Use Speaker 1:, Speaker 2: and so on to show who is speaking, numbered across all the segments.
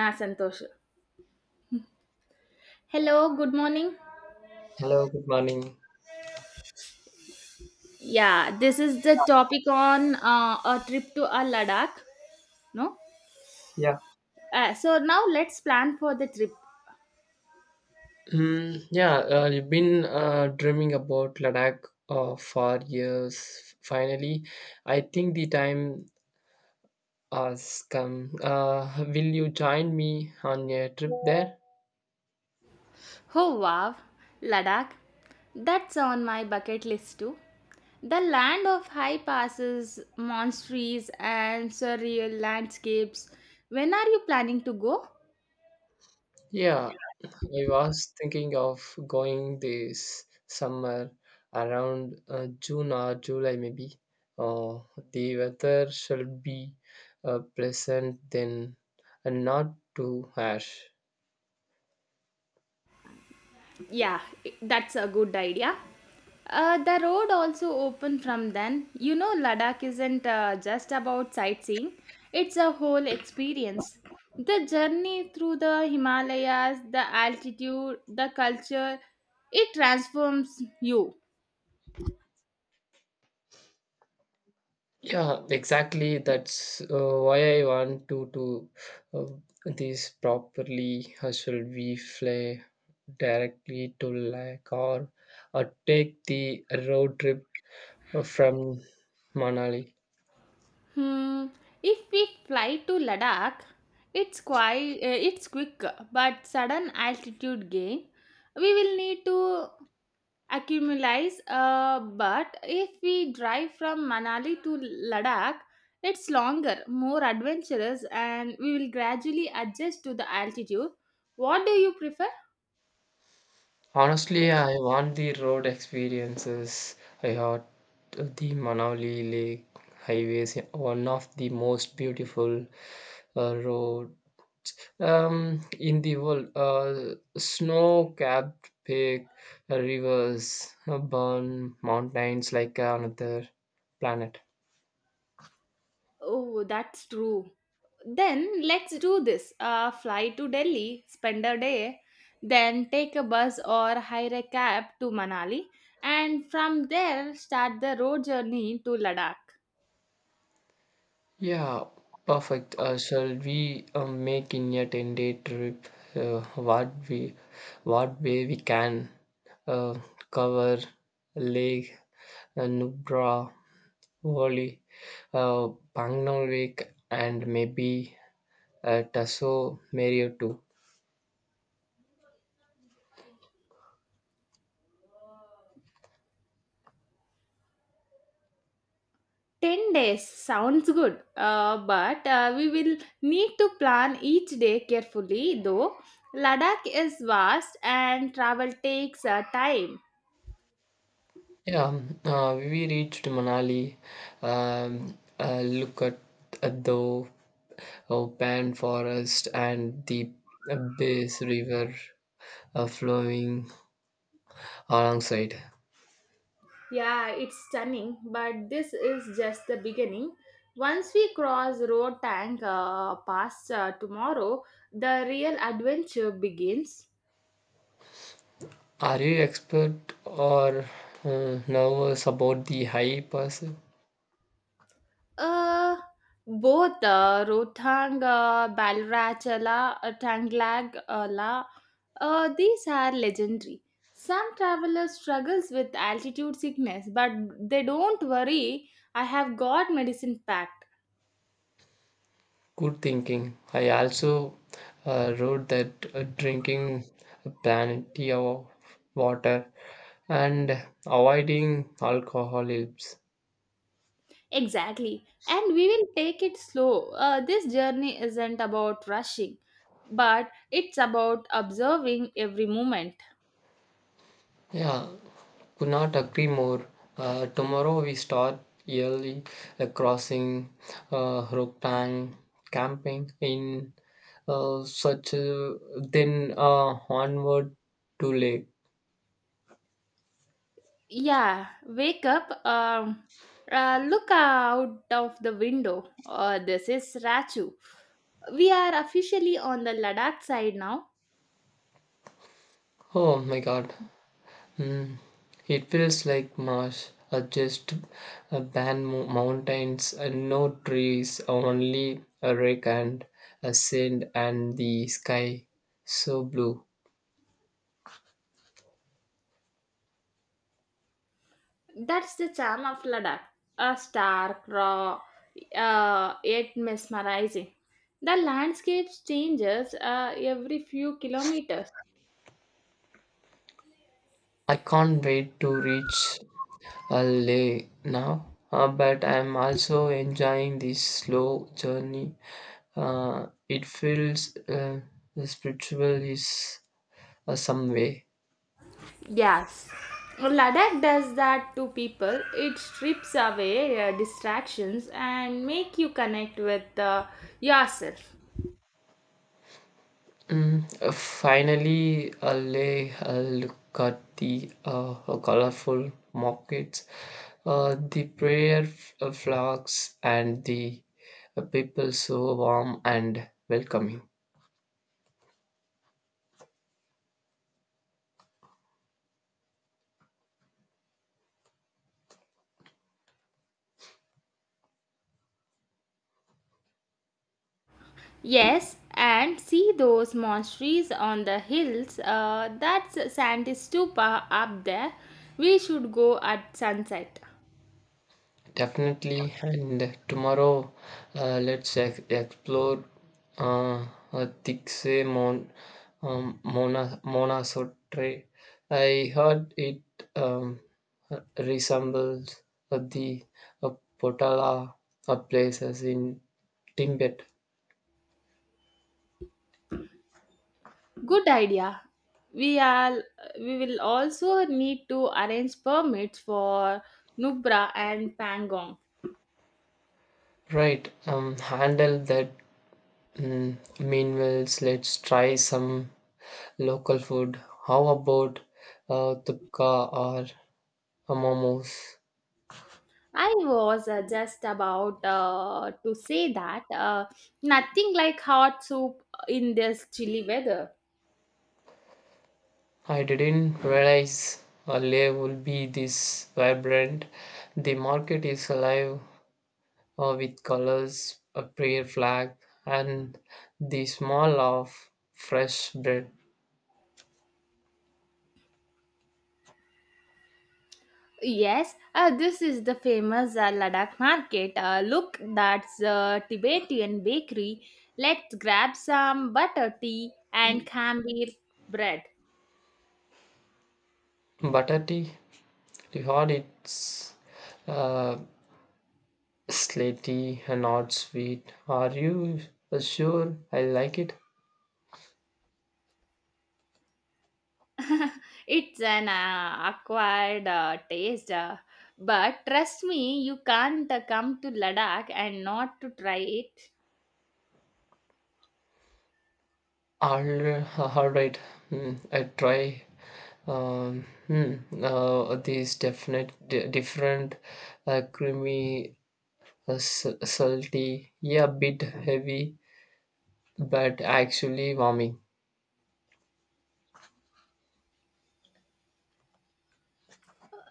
Speaker 1: నా Santosh Hello, good morning.
Speaker 2: Hello, good morning.
Speaker 1: Yeah, this is the topic on a trip to a Ladakh. No,
Speaker 2: Yeah.
Speaker 1: so now let's plan for the trip.
Speaker 2: Mm, yeah, you've been dreaming about Ladakh for years. Finally, I think the time has come. Will you join me on a trip there?
Speaker 1: Oh wow, Ladakh! That's on my bucket list too. The land of high passes, monasteries, and surreal landscapes. When are you planning to go?
Speaker 2: Yeah, I was thinking of going this summer around June or July, maybe. Oh, the weather should be pleasant then and not too harsh.
Speaker 1: Yeah, that's a good idea. The road also open from then. You know, Ladakh isn't just about sightseeing; it's a whole experience. The journey through the Himalayas, the altitude, the culture, it transforms you.
Speaker 2: Yeah, exactly. That's why I want to do uh, this properly. Should we fly directly to Lake, or take the road trip from Manali?
Speaker 1: Hmm. If we fly to Ladakh, it's quick but sudden altitude gain. We will need to accumulates but if we drive from manali to ladakh, it's longer, more adventurous, and we will gradually adjust to the altitude. What do you prefer?
Speaker 2: Honestly, I want the road experiences. I heard the Manali Lake Highways, one of the most beautiful road in the world, snow-capped peak, rivers, burn mountains like another planet.
Speaker 1: Oh, that's true. Then let's do this. Uh, fly to delhi, spend a day, then take a bus or hire a cab to manali, and from there start the road journey to ladakh.
Speaker 2: Yeah, perfect. Shall we make in a ten-day trip? Uh, what we, what way we can uh, cover Lake, Nubra, Valley, uh, Pangnol Lake, and maybe Tasso Mario too.
Speaker 1: 10 days sounds good, but we will need to plan each day carefully though. Ladakh is vast and travel takes time.
Speaker 2: Yeah, we reached Manali. Look at the open forest and the Bass River flowing alongside.
Speaker 1: Yeah, it's stunning, but this is just the beginning. Once we cross Road Tank Pass tomorrow, the real adventure begins.
Speaker 2: Are you expert or nervous about the high pass?
Speaker 1: Uh, both Rotang, Balrachala, Tanglag, La, these are legendary. Some travelers struggles with altitude sickness, but they don't worry. I have got medicine packed.
Speaker 2: Good thinking. I also wrote that drinking plenty of water and avoiding alcohol helps.
Speaker 1: Exactly, and we will take it slow. This journey isn't about rushing, but it's about observing every moment.
Speaker 2: Yeah, could not agree more. Tomorrow we start early, crossing Roktan, camping in such a, then onward to lake.
Speaker 1: Yeah, wake up. Look out of the window. This is Rachu. We are officially on the Ladakh side now.
Speaker 2: Oh my god. Mm. It feels like marsh, just barren mountains and no trees, only a wreck and a sand and the sky so blue.
Speaker 1: That's the charm of Ladakh. A stark, raw, yet mesmerizing. The landscape changes every few kilometers.
Speaker 2: I can't wait to reach Leh now, but I'm also enjoying this slow journey. It feels spiritual is some way.
Speaker 1: Yes, Ladakh does that to people. It strips away distractions and make you connect with yourself.
Speaker 2: Mm, finally, Alley, lay a look at the colorful markets, the prayer flags, and the people so warm and welcoming.
Speaker 1: Yes, and see those monasteries on the hills. That's Sandy Stupa up there. We should go at sunset.
Speaker 2: Definitely, and tomorrow let's explore uh, Dikse Mon, Mona Sotre. I heard it um, resembles the uh, Potala places in Tibet.
Speaker 1: Good idea. We are we will also need to arrange permits for Nubra and Pangong.
Speaker 2: Right, handle that. Mm, meanwhile, let's try some local food. How about tukka or momos?
Speaker 1: I was just about to say that nothing like hot soup in this chilly weather.
Speaker 2: I didn't realize a layer would be this vibrant. The market is alive with colors, a prayer flag, and the smell of fresh bread.
Speaker 1: Yes, this is the famous Ladakh market. Look, that's a Tibetan bakery. Let's grab some butter tea and khambir bread.
Speaker 2: Butter tea, the hot it's uh, slaty and not sweet. Are you sure I like it?
Speaker 1: It's an acquired taste, but trust me, you can't come to Ladakh and not to try it.
Speaker 2: All right, mm, I try. Hmm. These different, creamy, salty, yeah, bit heavy, but actually warming.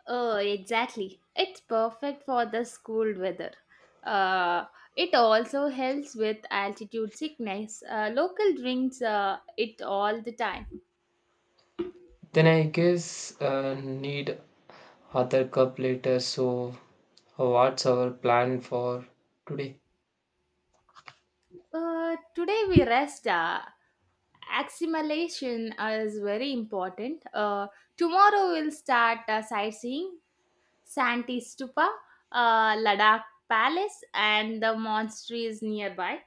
Speaker 1: Oh, exactly. It's perfect for the cold weather. Uh, it also helps with altitude sickness. Local drinks it all the time.
Speaker 2: Then I guess need other cup later. So, what's our plan for today?
Speaker 1: Today we rest. Assimilation is very important. Tomorrow we'll start sightseeing. Santi Stupa, Ladakh Palace, and the monastery is nearby.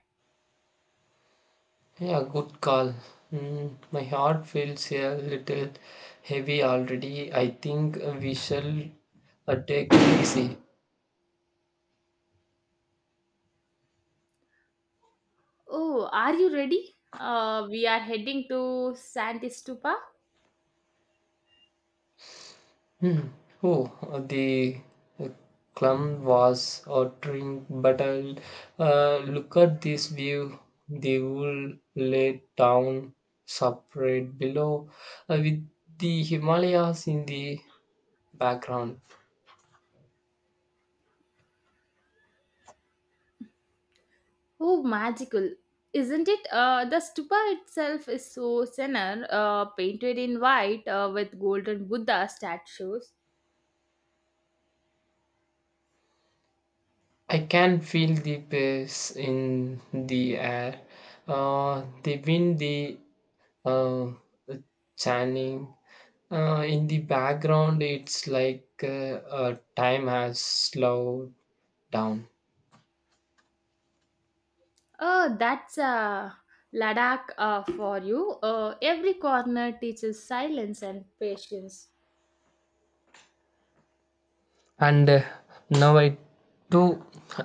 Speaker 2: Yeah, good call. Mm, my heart feels a little heavy already. I think we shall take it easy.
Speaker 1: Oh, are you ready? We are heading to Santi Stupa.
Speaker 2: Hmm. Oh, the uh, clum was uttering, but look at this view. The wool lay down separate below, with the Himalayas in the background.
Speaker 1: Oh, magical, isn't it? The stupa itself is so senor, painted in white with golden Buddha statues.
Speaker 2: I can feel the pace in the air, the wind, the uh, chanting. In the background, it's like time has slowed down.
Speaker 1: Oh, that's Ladakh for you. Every corner teaches silence and patience.
Speaker 2: And now I do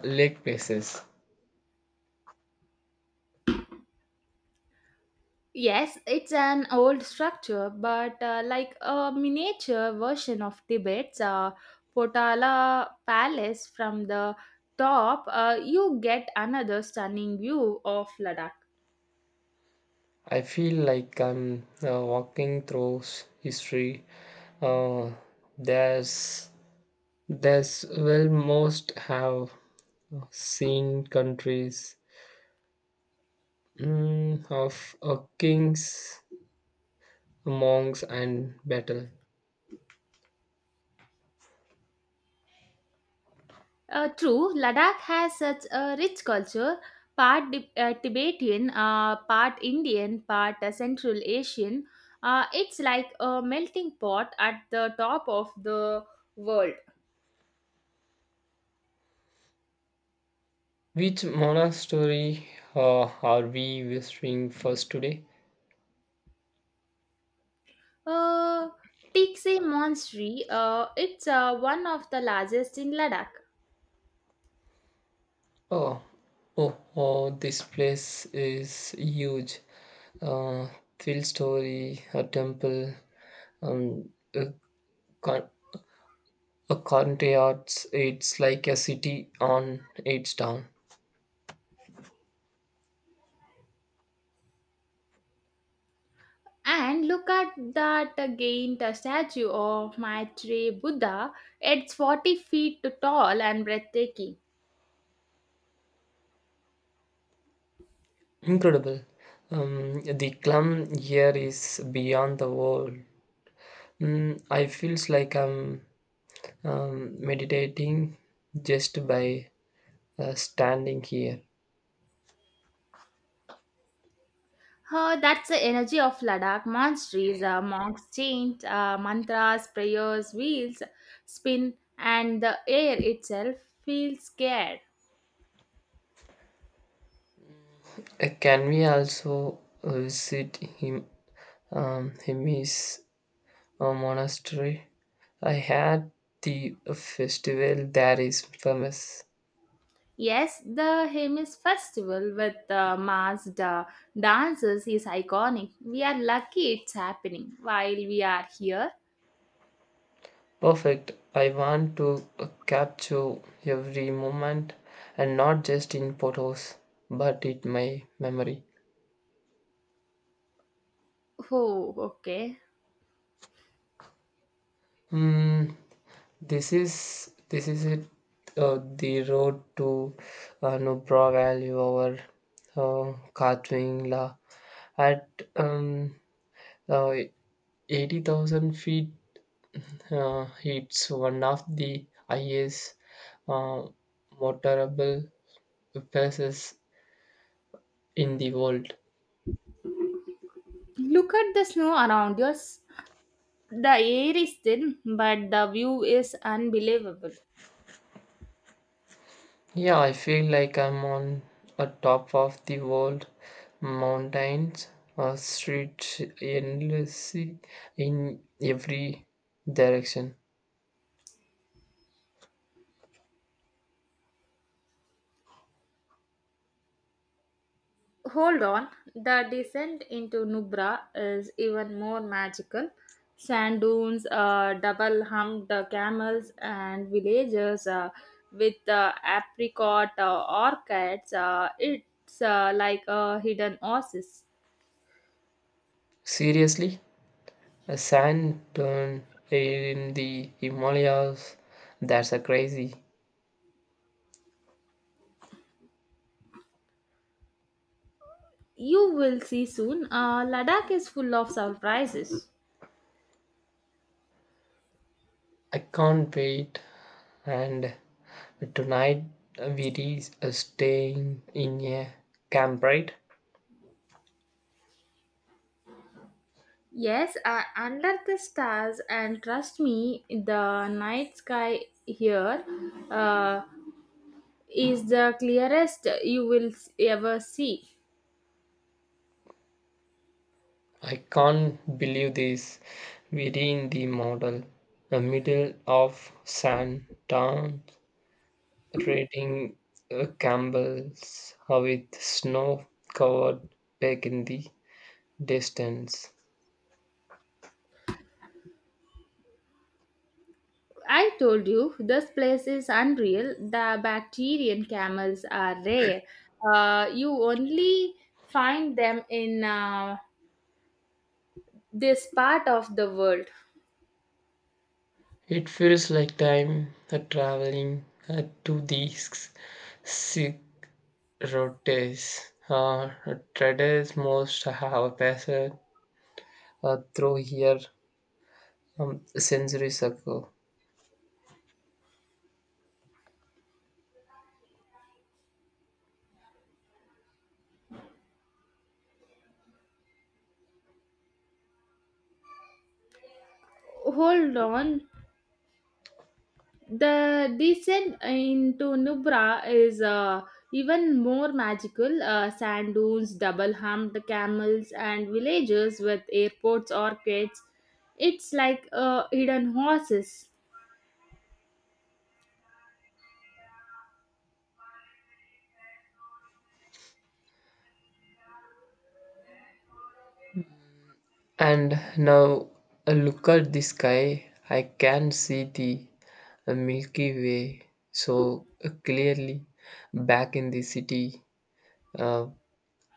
Speaker 2: lake places.
Speaker 1: Yes, it's an old structure, but like a miniature version of Tibet's Potala Palace. From the top, you get another stunning view of Ladakh.
Speaker 2: I feel like I'm walking through history. uh, there's there's well most have seen countries, mm, of kings, monks, and battle.
Speaker 1: True, Ladakh has such a rich culture, part Tibetan, part Indian, part Central Asian. It's like a melting pot at the top of the world.
Speaker 2: Which monastery uh, are we visiting first today?
Speaker 1: Uh, Tikse Monastery, it's one of the largest in Ladakh.
Speaker 2: Oh, oh, oh, this place is huge. uh, field Story, a temple, um, a, con- a country arts. It's like a city on its town.
Speaker 1: And look at that giant statue of Maitreya Buddha. It's 40 feet tall and breathtaking.
Speaker 2: Incredible. The clum here is beyond the world. Mm, I feels like I'm meditating just by standing here.
Speaker 1: That's the energy of Ladakh monasteries. Monks chant mantras, prayers, wheels spin, and the air itself feels scared.
Speaker 2: Can we also visit him? Him is a monastery. I had the festival that is famous.
Speaker 1: Yes, the Hemis festival with masked dancers is iconic. We are lucky it's happening while we are here.
Speaker 2: Perfect. I want to capture every moment, and not just in photos, but in my memory.
Speaker 1: Oh, okay.
Speaker 2: Mm, this is it. The road to Nubra Valley over Katwingla at um, uh, 80,000 feet. It's one of the highest uh, motorable places in the world.
Speaker 1: Look at the snow around us. The air is thin, but the view is unbelievable.
Speaker 2: Yeah, I feel like I'm on a top of the world mountains, a street endlessly in every direction.
Speaker 1: Hold on, the descent into Nubra is even more magical. Sand dunes, double humped camels, and villagers with apricot orchids. It's like a hidden oasis.
Speaker 2: Seriously, a sand dune in the Himalayas, that's a crazy.
Speaker 1: You will see soon. Ladakh is full of surprises.
Speaker 2: I can't wait. And tonight we staying in a camp, right?
Speaker 1: Yes, under the stars, and trust me, the night sky here Uh, is the clearest you will ever see.
Speaker 2: I can't believe this. We're in the middle of Santa, raiding Campbell's with snow covered back in the distance.
Speaker 1: I told you this place is unreal. The bacterian camels are rare. You only find them in this part of the world.
Speaker 2: It feels like time traveling to the s- routes. Traders most have passed through here centuries ago.
Speaker 1: Hold on. The descent into Nubra is even more magical. Sand dunes, double humped camels, and villages with airports, orchids. It's like hidden horses.
Speaker 2: And now look at the sky. I can see the Milky Way so clearly. Back in the city, uh,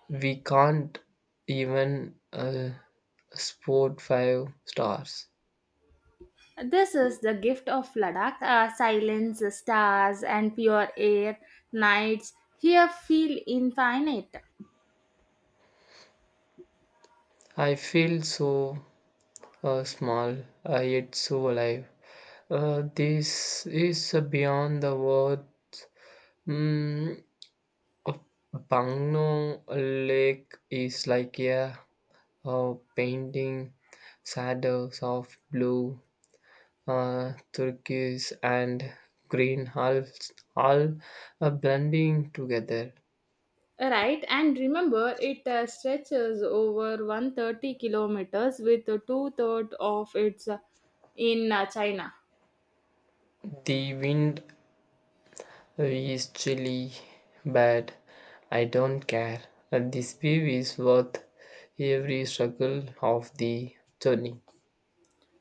Speaker 2: we can't even spot five stars.
Speaker 1: This is the gift of Ladakh, silence, stars, and pure air. Nights here feel infinite.
Speaker 2: I feel so small yet so alive. This is beyond the words. Mm, a Bangno Lake is like, yeah, a painting, shadows of blue, turquoise, and green, all blending together.
Speaker 1: Right, and remember it stretches over 130 kilometers, with two-thirds of its in China.
Speaker 2: The wind is chilly, bad. I don't care. And this view is worth every struggle of the journey.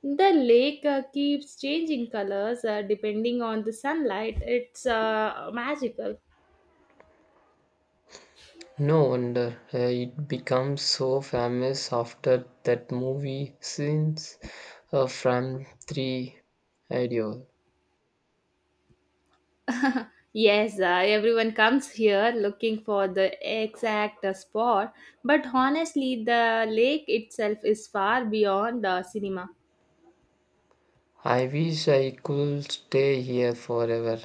Speaker 1: The lake keeps changing colors depending on the sunlight. It's magical.
Speaker 2: No wonder it becomes so famous after that movie Since, from 3 ideal.
Speaker 1: Yes, everyone comes here looking for the exact spot, but honestly, the lake itself is far beyond the cinema.
Speaker 2: I wish I could stay here forever.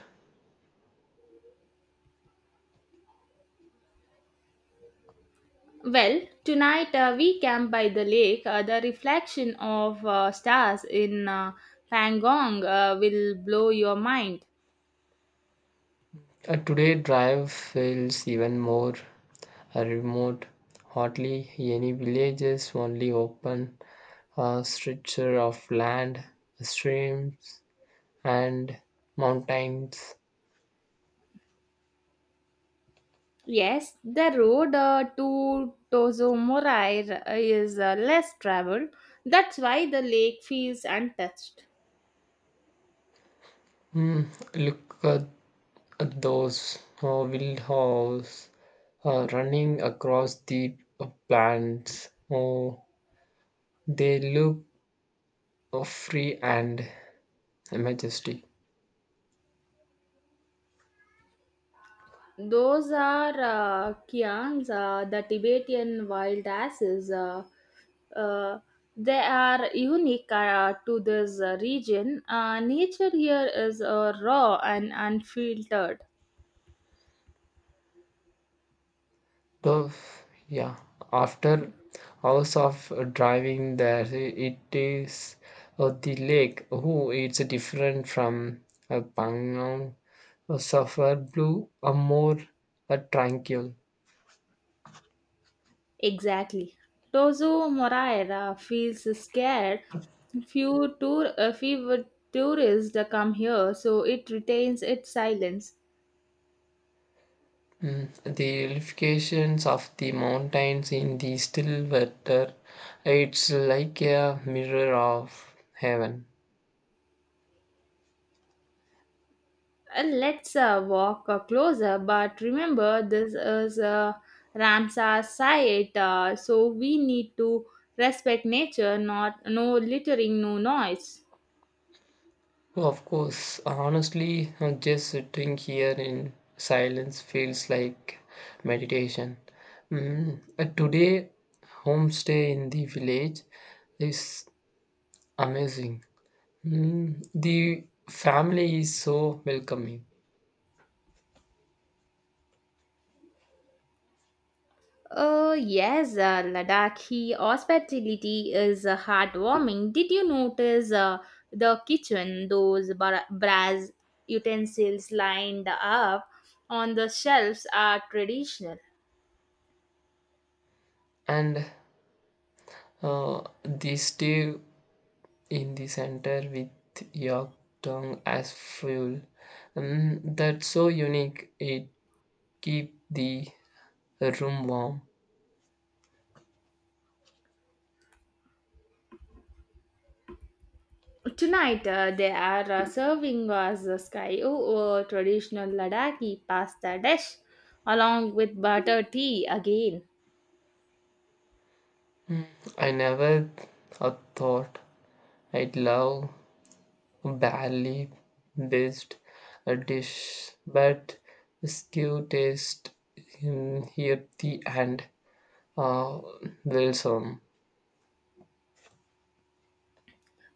Speaker 1: Well, tonight we camp by the lake. The reflection of stars in Pangong will blow your mind.
Speaker 2: Today, drive feels even more remote. Hardly any villages, only open stretcher of land, streams, and mountains.
Speaker 1: Yes, the road to Tozomorai is less traveled. That's why the lake feels untouched.
Speaker 2: Hmm, look at those wild horse running across the plants. Oh, they look free and majestic.
Speaker 1: Those are Kians, the Tibetan wild asses. Uh, they are unique to this region. Nature here is raw and unfiltered.
Speaker 2: So yeah, after hours of driving there, it is the lake. Who it's different from a Pangong, a Sapphire Blue, a more, a tranquil.
Speaker 1: Exactly. Tozo Moraira feels scared. Few tourists come here, so it retains its silence.
Speaker 2: Mm, the illustrations of the mountains in the still water, it's like a mirror of heaven.
Speaker 1: Let's walk closer, but remember this is a Ramsar site, so we need to respect nature, not no littering, no noise.
Speaker 2: Oh, of course, honestly, just sitting here in silence feels like meditation. Mm, today, homestay in the village is amazing. Mm, the family is so welcoming,
Speaker 1: Oh yes, Ladakhi hospitality is heartwarming. Did you notice the kitchen? Those brass utensils lined up on the shelves are traditional.
Speaker 2: and they stay in the center with your tongue as fuel. Mm, that's so unique. It keep the room warm.
Speaker 1: Tonight they are serving us the sky, oh, oh, traditional Ladakhi pasta dish along with butter tea again.
Speaker 2: I never thought I'd love barley based a dish, but stew tastes earthy and uh, wholesome.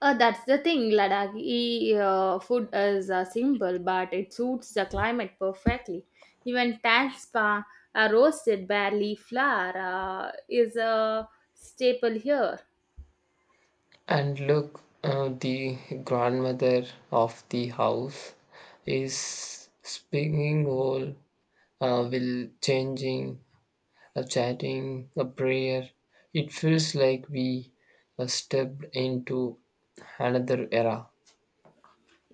Speaker 1: That's the thing, Ladakhi food is simple, but it suits the climate perfectly. Even tanspa, a roasted barley flour, is a staple here.
Speaker 2: And look, the grandmother of the house is spinning whole, will changing a chatting, a prayer. It feels like we stepped into another era.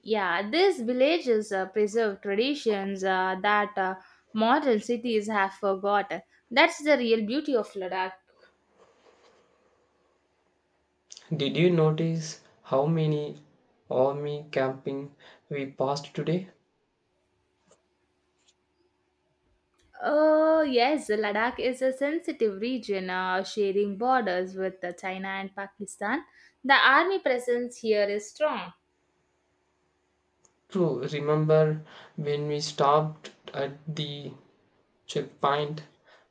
Speaker 1: Yeah, these villages preserve traditions that modern cities have forgotten. That's the real beauty of Ladakh.
Speaker 2: Did you notice how many army camping we passed today?
Speaker 1: Oh, yes, Ladakh is a sensitive region, sharing borders with China and Pakistan. The army presence here is strong.
Speaker 2: True, remember when we stopped at the checkpoint,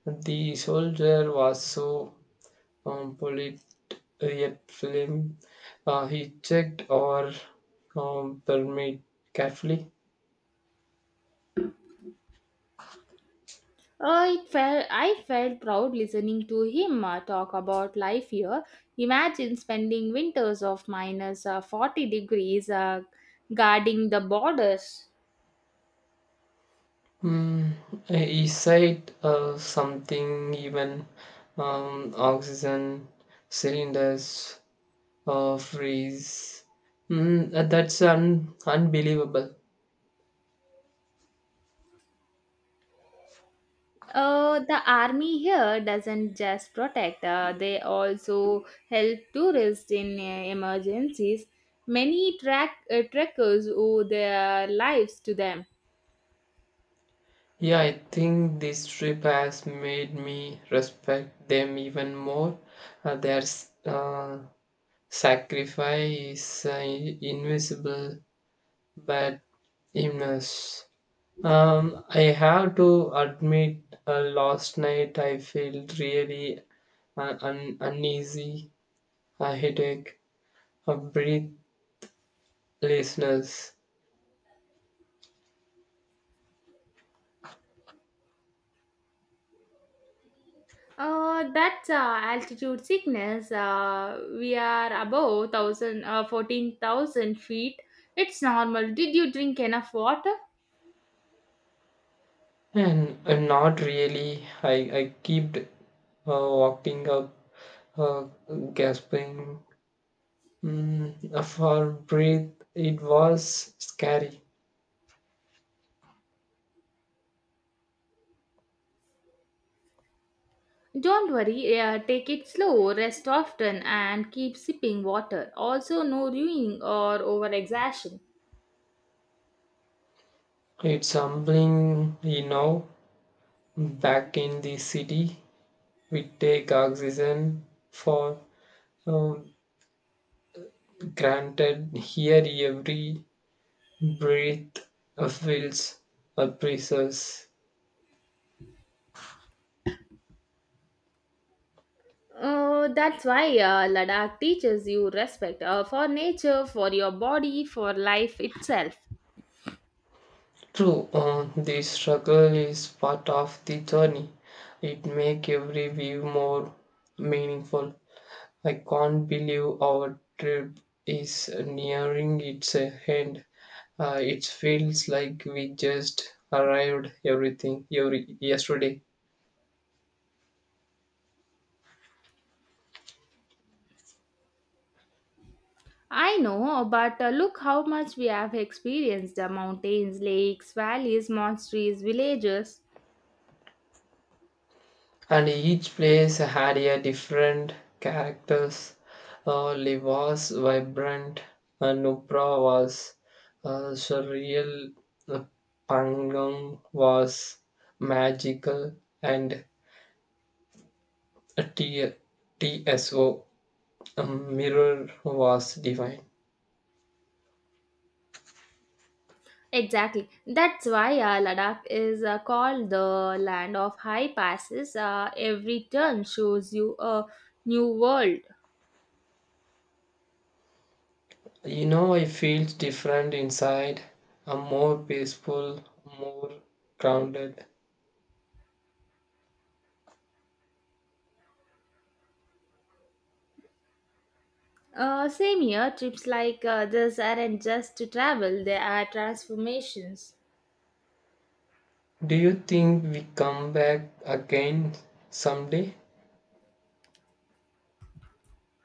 Speaker 2: the soldier was so polite yet firm. He checked our permit carefully.
Speaker 1: Oh, it felt, I felt proud listening to him talk about life here. Imagine spending winters of minus 40 degrees guarding the borders.
Speaker 2: Mm, he said something even oxygen cylinders freeze. Mm, that's unbelievable.
Speaker 1: The army here doesn't just protect, they also help tourists in emergencies. Many trekkers owe their lives to them.
Speaker 2: Yeah, I think this trip has made me respect them even more. Their sacrifice is invisible but immense. I have to admit, last night I felt really uneasy, a headache, a breathlessness,
Speaker 1: That's altitude sickness. We are above 14,000 feet. It's normal. Did you drink enough water?
Speaker 2: and not really. I kept walking up, uh, gasping, mm, for breath. It was scary.
Speaker 1: Don't worry, take it slow, rest often, and keep sipping water. Also, no ruining or over exertion.
Speaker 2: It's humbling. Back in the city, we take oxygen for um granted. Here every breath feels a precise.
Speaker 1: Oh, that's why Ladakh teaches you respect for nature, for your body, for life itself.
Speaker 2: True, the struggle is part of the journey. It makes every view more meaningful. I can't believe our trip is nearing its end. It feels like we just arrived everything every yesterday.
Speaker 1: I know, but look how much we have experienced: the mountains, lakes, valleys, monasteries, villages.
Speaker 2: And each place had a different characters. Lee was vibrant, and Nupra was surreal, uh, Pangong was magical, and T- TSO mirror was divine.
Speaker 1: Exactly. That's why Ladakh is called the land of high passes. Every turn shows you a new world.
Speaker 2: You know, I feel different inside. I'm more peaceful, more grounded.
Speaker 1: Same here, trips like this aren't just to travel, they are transformations.
Speaker 2: Do you think we come back again someday?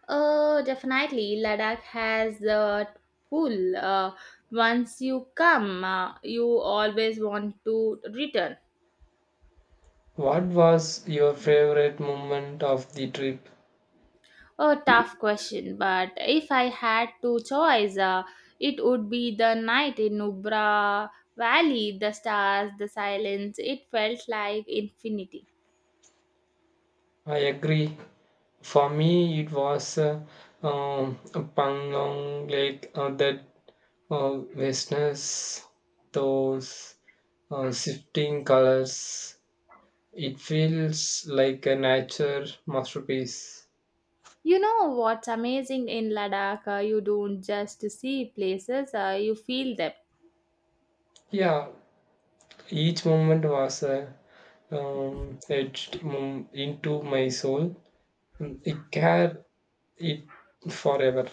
Speaker 1: Definitely, Ladakh has the pull. Once you come, you always want to return.
Speaker 2: What was your favorite moment of the trip?
Speaker 1: A tough question, but if I had to choose, it would be the night in Nubra Valley, the stars, the silence. It felt like infinity.
Speaker 2: I agree. For me, it was Panglong Lake, that vastness, those shifting colors. It feels like a nature masterpiece.
Speaker 1: You know what's amazing in Ladakh? You don't just see places, you feel them.
Speaker 2: Yeah, each moment was a etched into my soul. Mm, it carried it forever.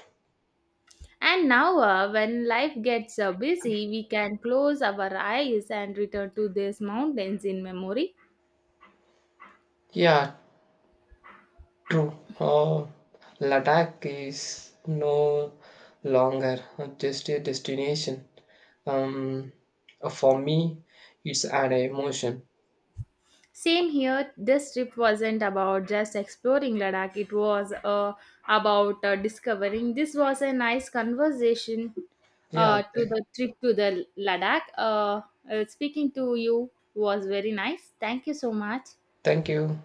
Speaker 1: And now, when life gets busy, we can close our eyes and return to these mountains in memory.
Speaker 2: Yeah, true. Ladakh is no longer just a destination. Um, for me, it's an emotion.
Speaker 1: Same here, this trip wasn't about just exploring Ladakh, it was about discovering. This was a nice conversation
Speaker 2: Yeah.
Speaker 1: to the trip to the Ladakh. Speaking to you was very nice. Thank you so much.
Speaker 2: Thank you.